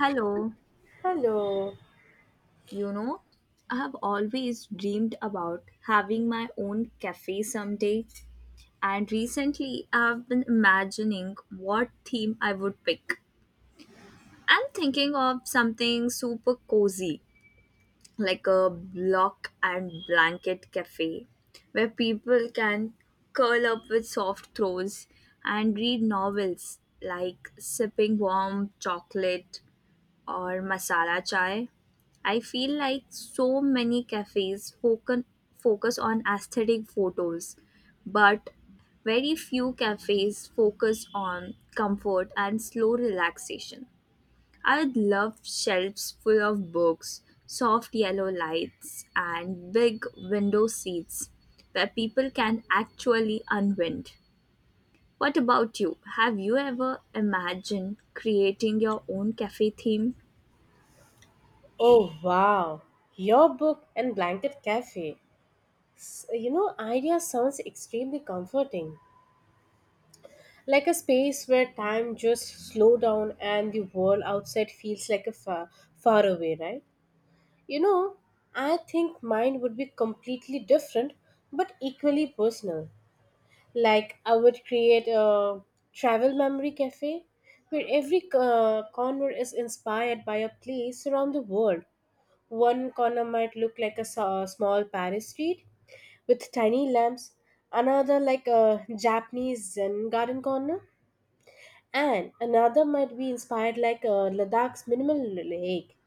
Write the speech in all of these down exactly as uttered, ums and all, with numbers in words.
Hello, Hello. you know, I have always dreamed about having my own cafe someday, and recently I have been imagining what theme I would pick. I'm thinking of something super cozy, like a block and blanket cafe, where people can curl up with soft throws and read novels like sipping warm chocolate or masala chai. I feel like so many cafes focus focus on aesthetic photos, but very few cafes focus on comfort and slow relaxation. I would love shelves full of books, soft yellow lights, and big window seats where people can actually unwind. What about you? Have you ever imagined creating your own cafe theme? Oh wow. Your book and blanket cafe. S- You know, idea sounds extremely comforting. Like a space where time just slow down and the world outside feels like a far, far away, right? You know, I think mine would be completely different but equally personal. Like I would create a travel memory cafe where every uh, corner is inspired by a place around the world. One corner might look like a sa- small Paris street with tiny lamps, another like a Japanese Zen garden corner, and another might be inspired like a Ladakh's minimal lake.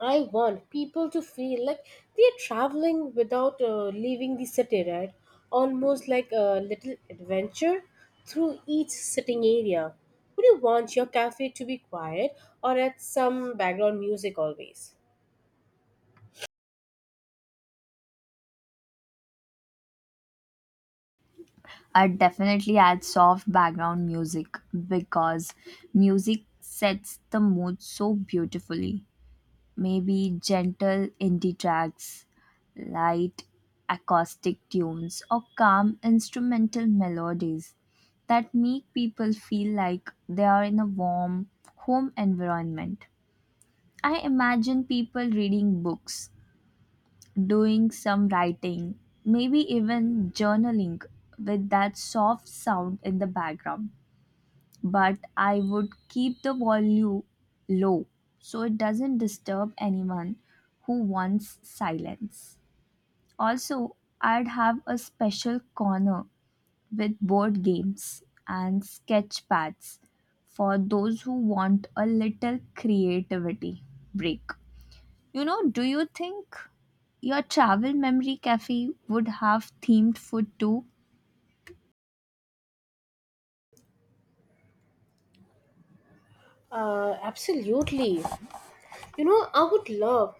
I want people to feel like they're traveling without uh, leaving the city, right? Almost like a little adventure through each sitting area. Would you want your cafe to be quiet or at some background music always? I'd definitely add soft background music because music sets the mood so beautifully. Maybe gentle indie tracks, light acoustic tunes, or calm instrumental melodies that make people feel like they are in a warm home environment. I imagine people reading books doing some writing, maybe even journaling with that soft sound in the background. But I would keep the volume low so it doesn't disturb anyone who wants silence. Also, I'd have a special corner with board games and sketch pads for those who want a little creativity break. You know, do you think your travel memory cafe would have themed food too? Uh, absolutely. You know, I would love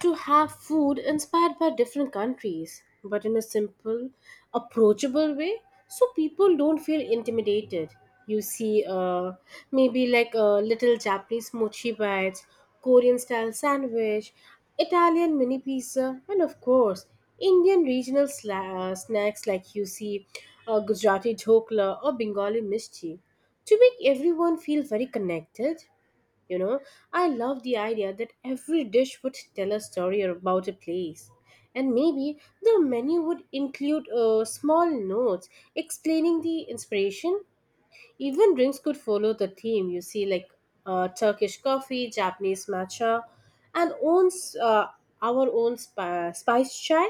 to have food inspired by different countries, but in a simple, approachable way so people don't feel intimidated. You see, uh, Maybe like a little Japanese mochi bites, Korean style sandwich, Italian mini pizza, and of course, Indian regional sla- uh, snacks like you see uh, Gujarati dhokla or Bengali mischi to make everyone feel very connected. you know, I love the idea that every dish would tell a story about a place. And maybe the menu would include uh, small notes explaining the inspiration. Even drinks could follow the theme, you see, like uh, Turkish coffee, Japanese matcha, and own, uh, our own spi- spice chai.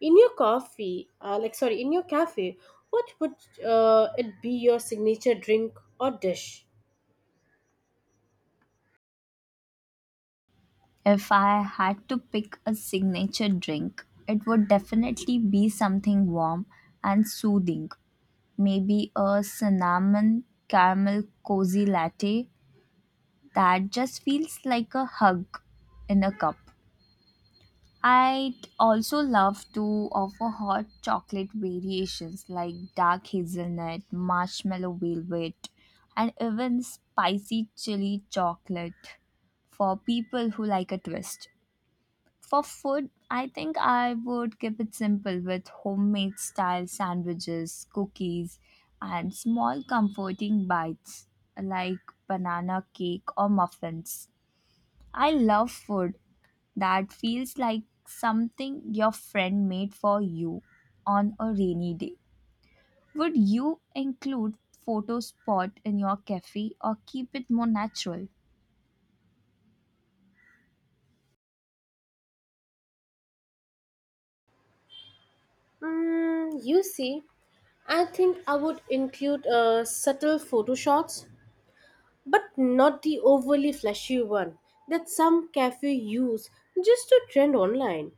In your coffee, uh, like, sorry, in your cafe, what would uh, it be your signature drink or dish? If I had to pick a signature drink, it would definitely be something warm and soothing. Maybe a cinnamon caramel cozy latte that just feels like a hug in a cup. I'd also love to offer hot chocolate variations like dark hazelnut, marshmallow velvet, and even spicy chili chocolate for people who like a twist. For food, I think I would keep it simple with homemade style sandwiches, cookies, and small comforting bites like banana cake or muffins. I love food that feels like something your friend made for you on a rainy day. Would you include photo spot in your cafe or keep it more natural? Mm, you see, I think I would include uh, subtle photo shots, but not the overly flashy one that some cafe use just to trend online.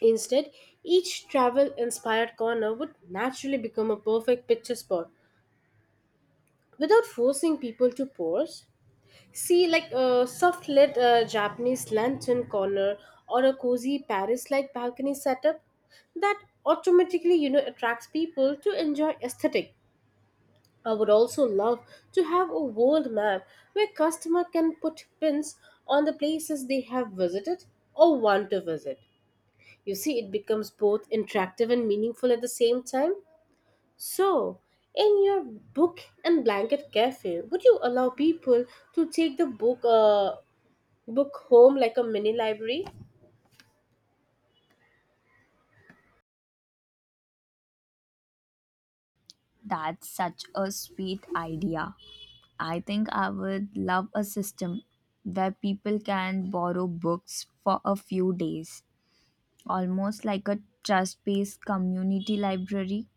Instead, each travel inspired corner would naturally become a perfect picture spot without forcing people to pose. See, like a soft lit uh, Japanese lantern corner or a cozy Paris like balcony setup that automatically you know attracts people to enjoy aesthetic. I would also love to have a world map where customer can put pins on the places they have visited or want to visit. You see, it becomes both interactive and meaningful at the same time. So, in your book and blanket cafe, would you allow people to take the book uh, book home like a mini library? That's such a sweet idea. I think I would love a system where people can borrow books for a few days, almost like a trust based community library.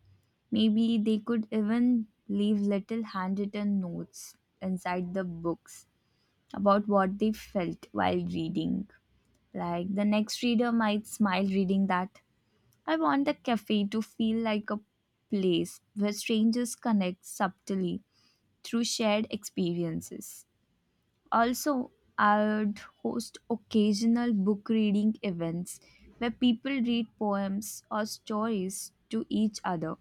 Maybe they could even leave little handwritten notes inside the books about what they felt while reading. Like the next reader might smile reading that. I want the cafe to feel like a place where strangers connect subtly through shared experiences. Also, I'd host occasional book reading events where people read poems or stories to each other.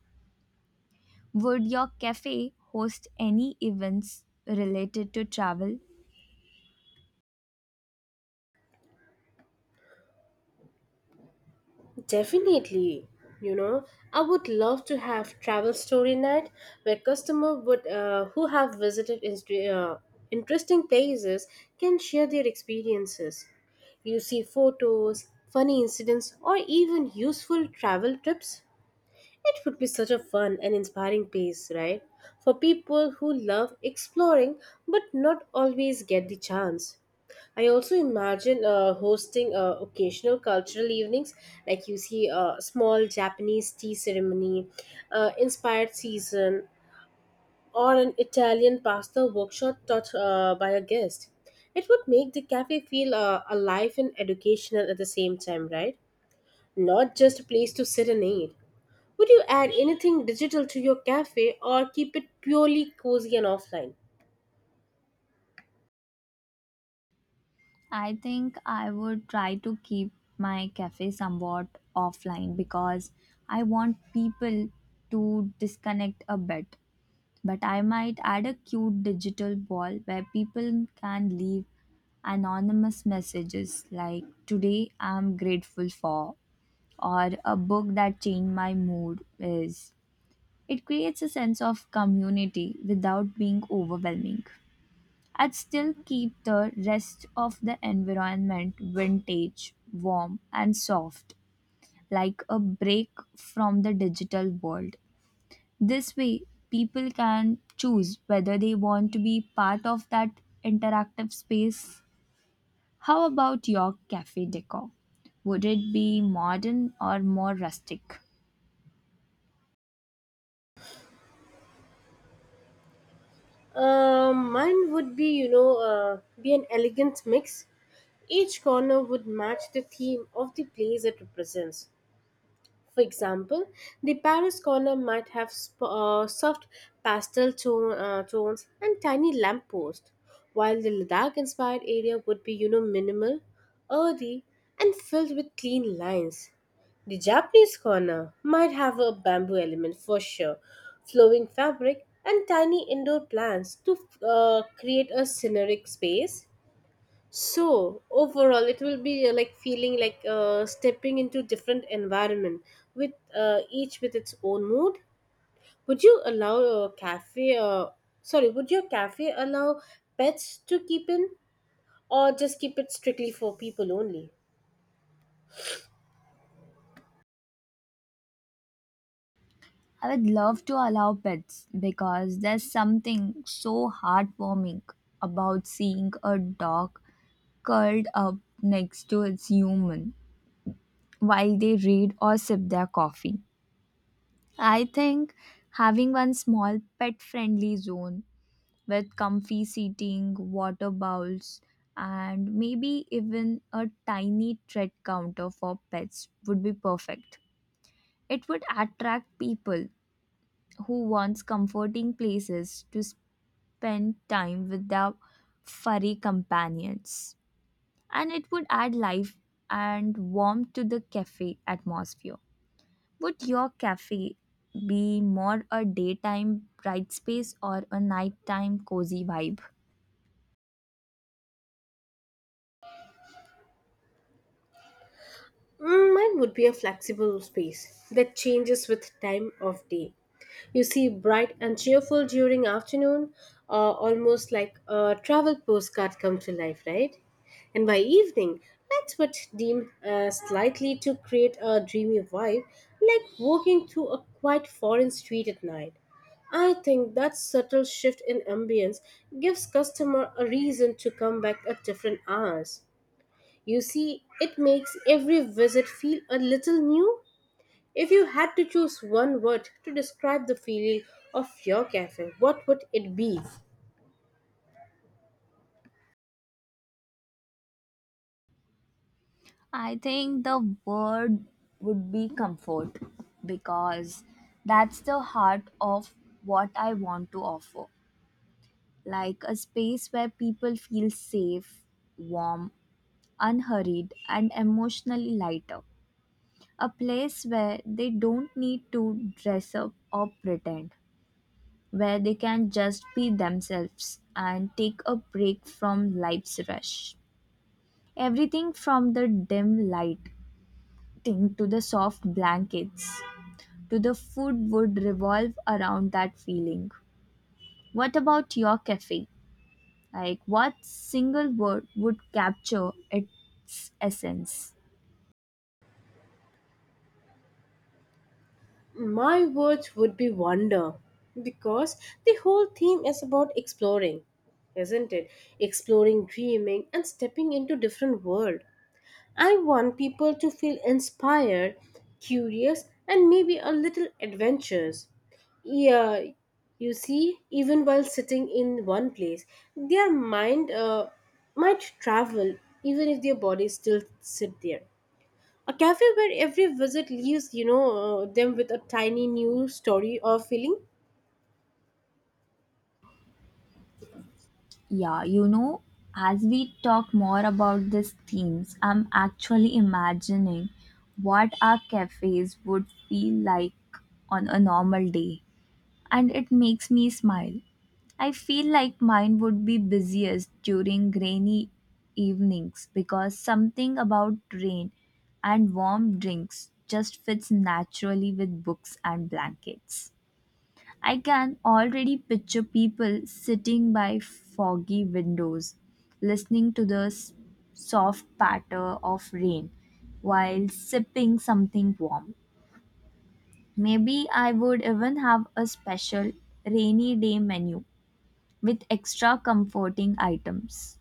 Would your cafe host any events related to travel? Definitely. You know, I would love to have travel story night where customer would uh, who have visited inst- uh, interesting places can share their experiences. You see photos, funny incidents, or even useful travel tips. It would be such a fun and inspiring place, right? For people who love exploring but not always get the chance. I also imagine uh, hosting uh, occasional cultural evenings, like you see a small Japanese tea ceremony, uh, inspired season, or an Italian pasta workshop taught uh, by a guest. It would make the cafe feel uh, alive and educational at the same time, right? Not just a place to serenade. Would you add anything digital to your cafe or keep it purely cozy and offline? I think I would try to keep my cafe somewhat offline because I want people to disconnect a bit. But I might add a cute digital wall where people can leave anonymous messages like today I'm grateful for, or a book that changed my mood is. It creates a sense of community without being overwhelming. I'd still keep the rest of the environment vintage, warm, and soft, like a break from the digital world. This way, people can choose whether they want to be part of that interactive space. How about your cafe decor? Would it be modern or more rustic? Um, mine would be, you know, uh, be an elegant mix. Each corner would match the theme of the place it represents. For example, the Paris corner might have sp- uh, soft pastel tone, uh, tones and tiny lampposts, while the Ladakh-inspired area would be, you know, minimal, earthy, and filled with clean lines. The Japanese corner might have a bamboo element for sure, flowing fabric, and tiny indoor plants to uh, create a scenic space. So overall, it will be uh, like feeling like uh, stepping into different environment with uh, each with its own mood. Would you allow a cafe? Uh, sorry, would your cafe allow pets to keep in, or just keep it strictly for people only? I would love to allow pets because there's something so heartwarming about seeing a dog curled up next to its human while they read or sip their coffee. I think having one small pet friendly zone with comfy seating, water bowls, and maybe even a tiny treat counter for pets would be perfect. It would attract people who wants comforting places to spend time with their furry companions, and it would add life and warmth to the cafe atmosphere. Would your cafe be more a daytime bright space or a nighttime cozy vibe? Mm, mine would be a flexible space that changes with time of day. You see, bright and cheerful during afternoon, uh, almost like a travel postcard come to life, right? And by evening, let's but deem uh, slightly to create a dreamy vibe, like walking through a quiet foreign street at night. I think that subtle shift in ambience gives customer a reason to come back at different hours. You see, it makes every visit feel a little new. If you had to choose one word to describe the feeling of your cafe, what would it be? I think the word would be comfort because that's the heart of what I want to offer. Like a space where people feel safe, warm, unhurried, and emotionally lighter. A place where they don't need to dress up or pretend, where they can just be themselves and take a break from life's rush. Everything from the dim lighting to the soft blankets to the food would revolve around that feeling. What about your cafe? Like, what single word would capture its essence? My words would be wonder, because the whole theme is about exploring, isn't it? Exploring, dreaming, and stepping into different world. I want people to feel inspired, curious, and maybe a little adventurous. Yeah, you see, even while sitting in one place, their mind uh, might travel even if their bodies still sit there. A cafe where every visit leaves, you know, uh, them with a tiny new story or feeling. Yeah, you know, as we talk more about these themes, I'm actually imagining what our cafes would feel like on a normal day, and it makes me smile. I feel like mine would be busiest during rainy evenings because something about rain and warm drinks just fits naturally with books and blankets. I can already picture people sitting by foggy windows, listening to the s- soft patter of rain while sipping something warm. Maybe I would even have a special rainy day menu with extra comforting items.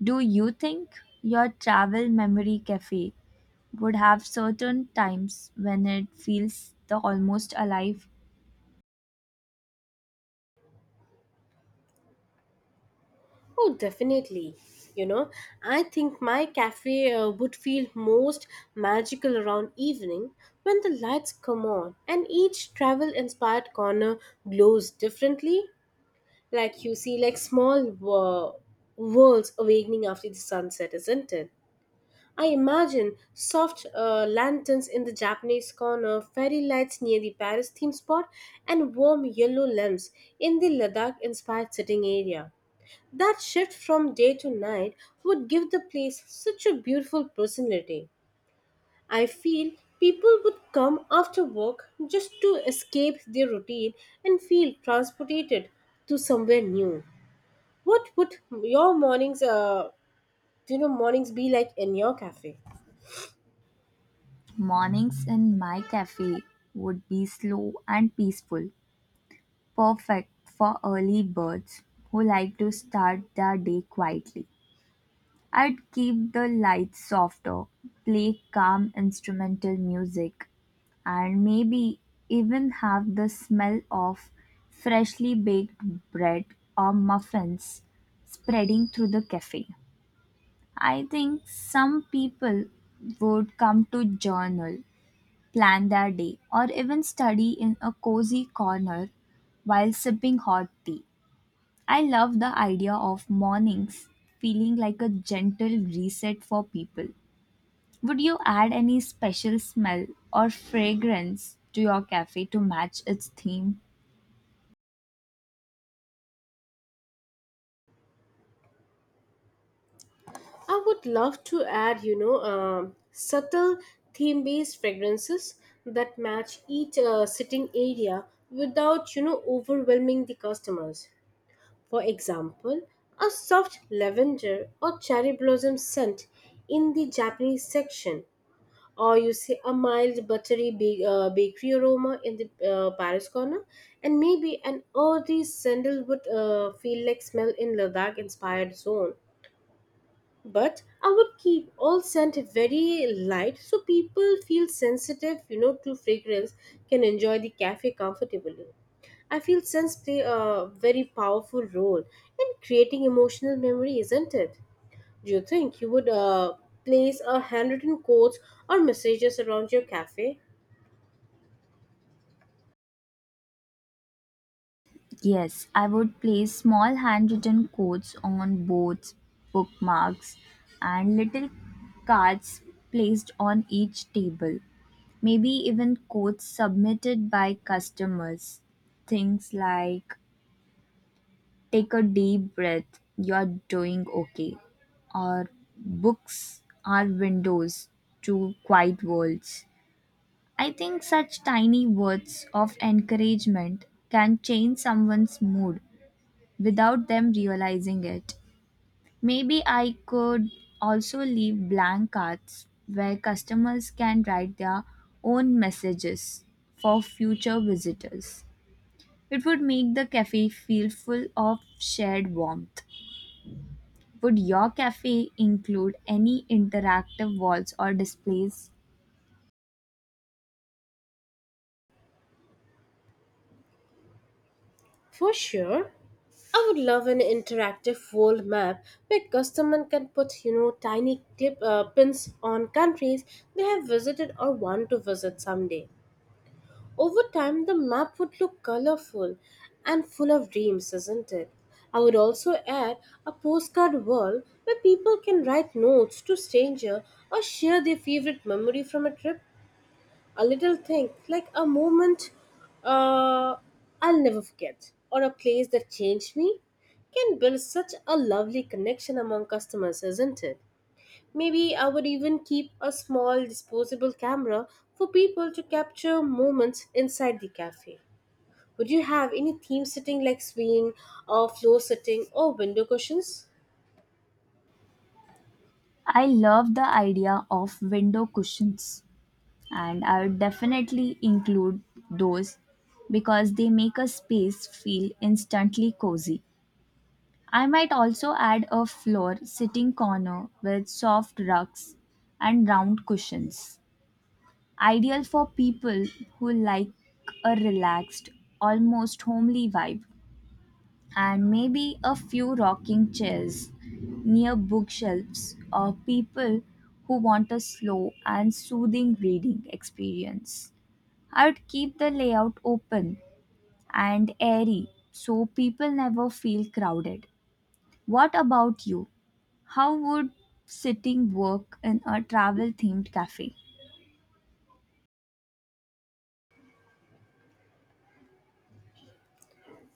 Do you think your travel memory cafe would have certain times when it feels the almost alive? Oh, definitely. You know, I think my cafe uh, would feel most magical around evening when the lights come on and each travel inspired corner glows differently. Like you see, like small wor- worlds awakening after the sunset, isn't it? I imagine soft uh, lanterns in the Japanese corner, fairy lights near the Paris theme spot, and warm yellow lamps in the Ladakh inspired sitting area. That shift from day to night would give the place such a beautiful personality. I feel people would come after work just to escape their routine and feel transported to somewhere new. What would your mornings, uh, you know, mornings be like in your cafe? Mornings in my cafe would be slow and peaceful, perfect for early birds who like to start their day quietly. I'd keep the lights softer, play calm instrumental music, and maybe even have the smell of freshly baked bread or muffins spreading through the cafe. I think some people would come to journal plan their day, or even study in a cozy corner while sipping hot tea. I love the idea of mornings feeling like a gentle reset for people. Would you add any special smell or fragrance to your cafe to match its theme? I would love to add, you know, um, subtle theme based fragrances that match each uh, sitting area without, you know, overwhelming the customers. For example, a soft lavender or cherry blossom scent in the Japanese section, or you see a mild buttery ba- uh, bakery aroma in the uh, Paris corner, and maybe an earthy sandalwood uh, feel like smell in Ladakh inspired zone. But I would keep all scent very light so people feel sensitive you know to fragrance can enjoy the cafe comfortably. I feel scents play a very powerful role in creating emotional memory, isn't it? Do you think you would uh, place a handwritten quotes or messages around your cafe? Yes, I would place small handwritten quotes on boards, bookmarks, and little cards placed on each table. Maybe even quotes submitted by customers. Things like, take a deep breath, you're doing okay. Or, books are windows to quiet worlds. I think such tiny words of encouragement can change someone's mood without them realizing it. Maybe I could also leave blank cards where customers can write their own messages for future visitors. It would make the cafe feel full of shared warmth. Would your cafe include any interactive walls or displays? For sure. I would love an interactive world map where customer can put, you know, tiny tip, uh, pins on countries they have visited or want to visit someday. Over time, the map would look colorful and full of dreams, isn't it? I would also add a postcard world where people can write notes to stranger or share their favorite memory from a trip. A little thing like a moment uh, I'll never forget or a place that changed me can build such a lovely connection among customers, isn't it? Maybe I would even keep a small disposable camera for people to capture moments inside the cafe. Would you have any theme sitting like swing or floor sitting or window cushions? I love the idea of window cushions, and I would definitely include those because they make a space feel instantly cozy. I might also add a floor sitting corner with soft rugs and round cushions, ideal for people who like a relaxed, almost homely vibe, and maybe a few rocking chairs near bookshelves or people who want a slow and soothing reading experience. I would keep the layout open and airy so people never feel crowded. What about you? How would sitting work in a travel themed cafe?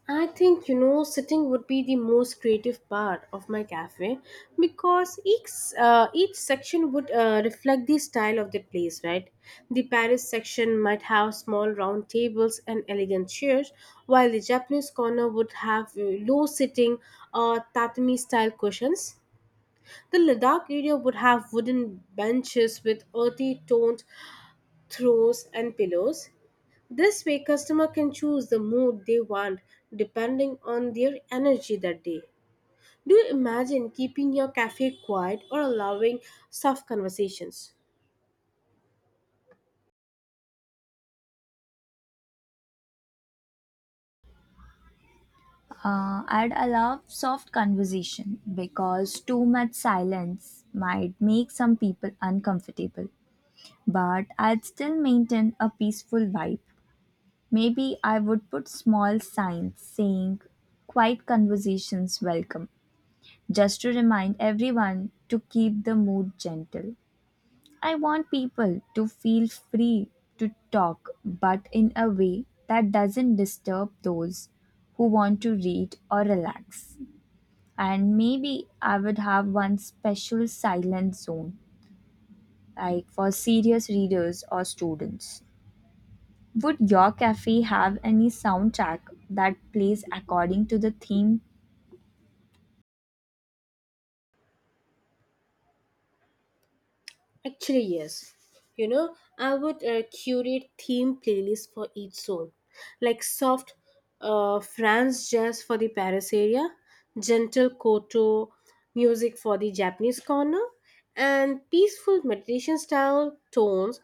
I think you know sitting would be the most creative part of my cafe because each uh, each section would uh, reflect the style of the place, right? The Paris section might have small round tables and elegant chairs, while the Japanese corner would have uh, low sitting or tatami style cushions. The Ladakh area would have wooden benches with earthy toned throws and pillows. This way customer can choose the mood they want depending on their energy that day. Do you imagine keeping your cafe quiet or allowing soft conversations? Uh, I'd allow soft conversation because too much silence might make some people uncomfortable. But I'd still maintain a peaceful vibe. Maybe I would put small signs saying quiet conversations welcome, just to remind everyone to keep the mood gentle. I want people to feel free to talk, but in a way that doesn't disturb those who want to read or relax. And maybe I would have one special silent zone, like for serious readers or students. Would your cafe have any soundtrack that plays according to the theme? Actually, yes. You know, I would uh, curate theme playlists for each zone, like soft uh, France jazz for the Paris area, gentle koto music for the Japanese corner, and peaceful meditation style tones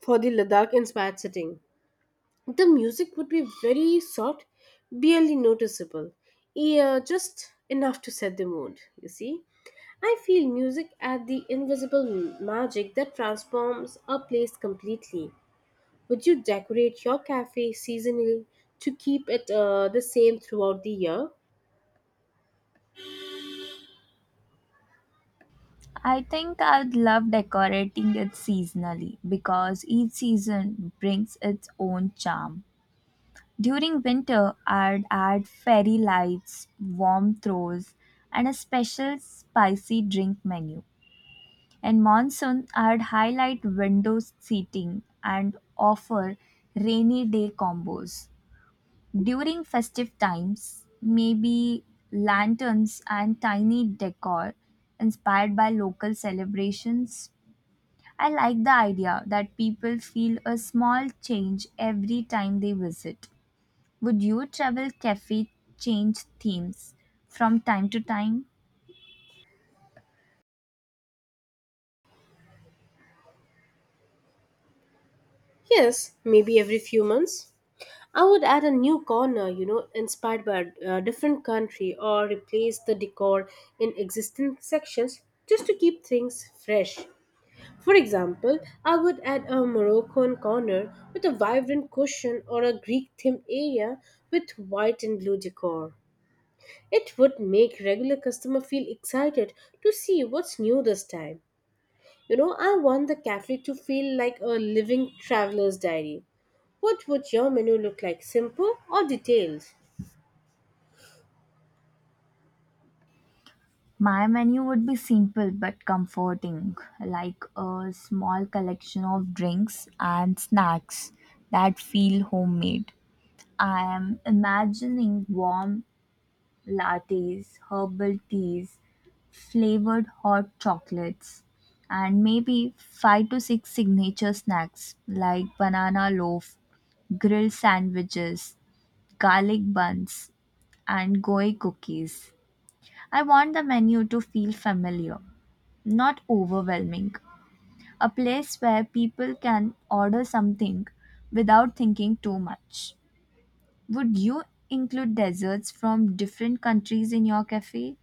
for the Ladakh inspired setting. The music would be very soft, barely noticeable, yeah, just enough to set the mood, you see. I feel music at the invisible m- magic that transforms a place completely. Would you decorate your cafe seasonally to keep it uh, the same throughout the year? I think I'd love decorating it seasonally because each season brings its own charm. During winter, I'd add fairy lights, warm throws, and a special spicy drink menu. In monsoon, I'd highlight window seating and offer rainy day combos. During festive times, maybe lanterns and tiny decor inspired by local celebrations. I like the idea that people feel a small change every time they visit. Would your travel cafe change themes from time to time? Yes, maybe every few months. I would add a new corner, you know, inspired by a different country or replace the decor in existing sections just to keep things fresh. For example, I would add a Moroccan corner with a vibrant cushion or a Greek themed area with white and blue decor. It would make regular customer feel excited to see what's new this time. You know, I want the cafe to feel like a living traveler's diary. What would your menu look like? Simple or detailed? My menu would be simple but comforting, like a small collection of drinks and snacks that feel homemade. I am imagining warm lattes, herbal teas, flavored hot chocolates, and maybe five to six signature snacks like banana loaf, grilled sandwiches, garlic buns, and goi cookies. I want the menu to feel familiar, not overwhelming. A place where people can order something without thinking too much. Would you include desserts from different countries in your cafe?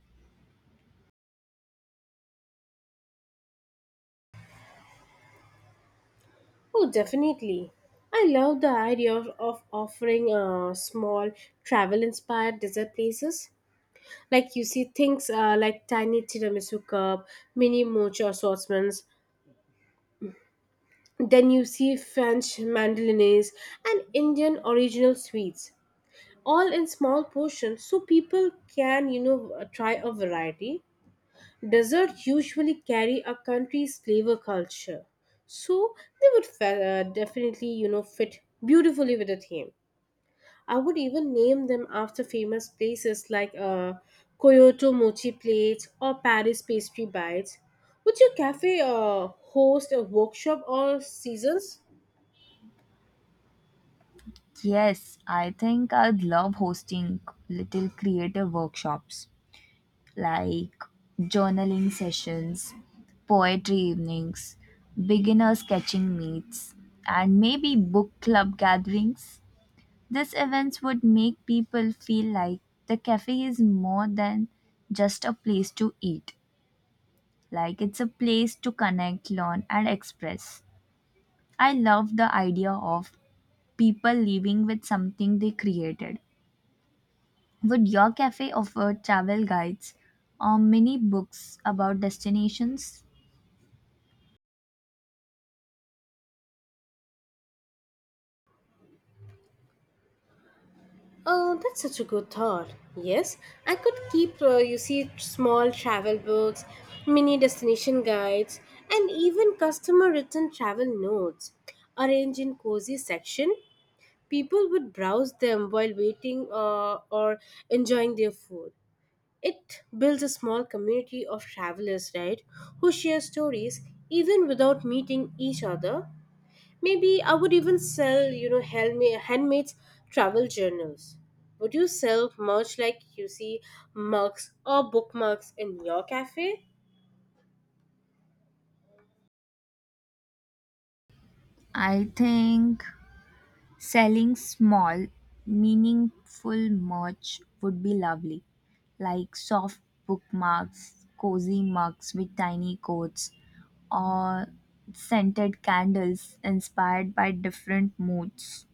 Oh, definitely. I love the idea of, of offering uh, small travel inspired dessert places. Like you see things uh, like tiny tiramisu cup, mini mocha assortments. Then you see French mandolines and Indian original sweets, all in small portions so people can, you know, try a variety. Desserts usually carry a country's flavor culture, so they would fe- uh, definitely, you know, fit beautifully with the theme. I would even name them after famous places like uh, Kyoto mochi plates or Paris pastry bites. Would your cafe uh, host a workshop or seasons? Yes, I think I'd love hosting little creative workshops like journaling sessions, poetry evenings, beginner sketching meets, and maybe book club gatherings. These events would make people feel like the cafe is more than just a place to eat, like it's a place to connect, learn, and express. I love the idea of people leaving with something they created. Would your cafe offer travel guides or mini books about destinations? Oh, that's such a good thought. Yes, I could keep, uh, you see, small travel books, mini destination guides, and even customer written travel notes. Arranged in cozy section, people would browse them while waiting uh, or enjoying their food. It builds a small community of travelers, right, who share stories even without meeting each other. Maybe I would even sell, you know, handma- handmade travel journals. Would you sell merch like you see mugs or bookmarks in your cafe? I think selling small, meaningful merch would be lovely, like soft bookmarks, cozy mugs with tiny quotes, or scented candles inspired by different moods.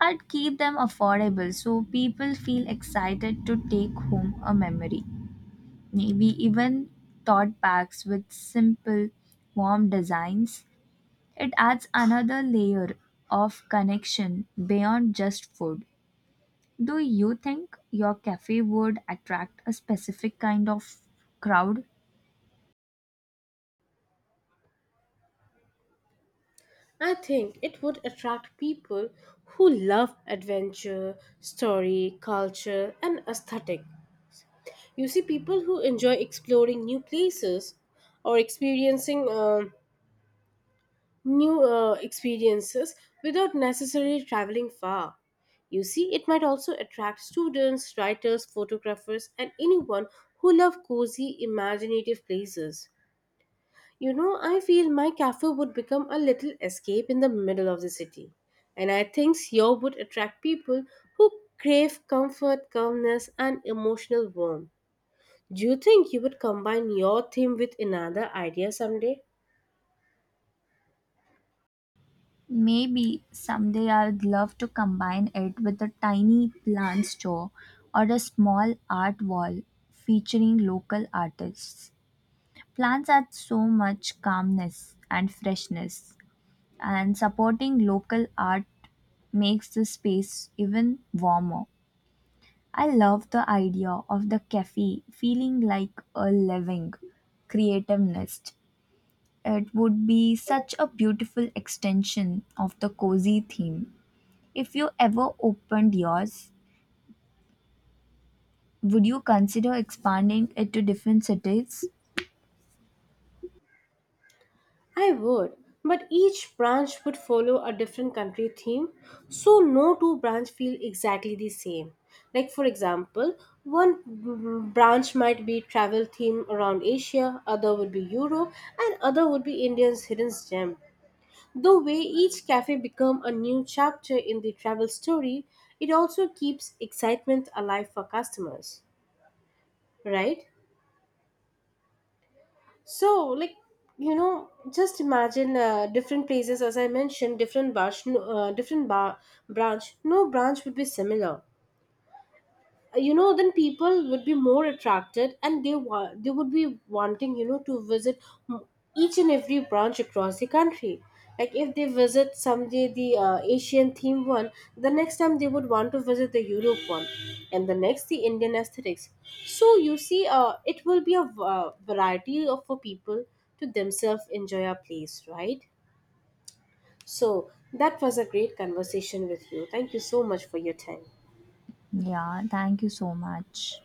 I'd keep them affordable so people feel excited to take home a memory. Maybe even tote bags with simple, warm designs. It adds another layer of connection beyond just food. Do you think your cafe would attract a specific kind of crowd? I think it would attract people who love adventure, story, culture, and aesthetic. You see, people who enjoy exploring new places or experiencing um new uh, experiences without necessarily traveling far. You see, it might also attract students, writers, photographers, and anyone who love cozy, imaginative places. You know, I feel my cafe would become a little escape in the middle of the city. And I think Seoul would attract people who crave comfort, calmness, and emotional warmth. Do you think you would combine your theme with another idea someday? Maybe someday I'd love to combine it with a tiny plant store or a small art wall featuring local artists. Plants add so much calmness and freshness, and supporting local art makes the space even warmer. I love the idea of the cafe feeling like a living, creative nest. It would be such a beautiful extension of the cozy theme. If you ever opened yours, would you consider expanding it to different cities? I would, but each branch would follow a different country theme, so no two branch feel exactly the same. Like for example, one b- branch might be travel theme around Asia, other would be Europe, and other would be India's hidden gem. The way each cafe become a new chapter in the travel story, it also keeps excitement alive for customers, right? So, like, you know, just imagine uh, different places, as I mentioned, different branch, uh, different bar- branch. No branch would be similar, you know, then people would be more attracted and they wa- they would be wanting you know to visit m- each and every branch across the country, like if they visit someday the uh, asian theme one, the next time they would want to visit the europe one and the next the indian aesthetics. So you see uh, it will be a v- uh, variety of for people to themselves enjoy a place, right? So that was a great conversation with you. Thank you so much for your time. Yeah, thank you so much.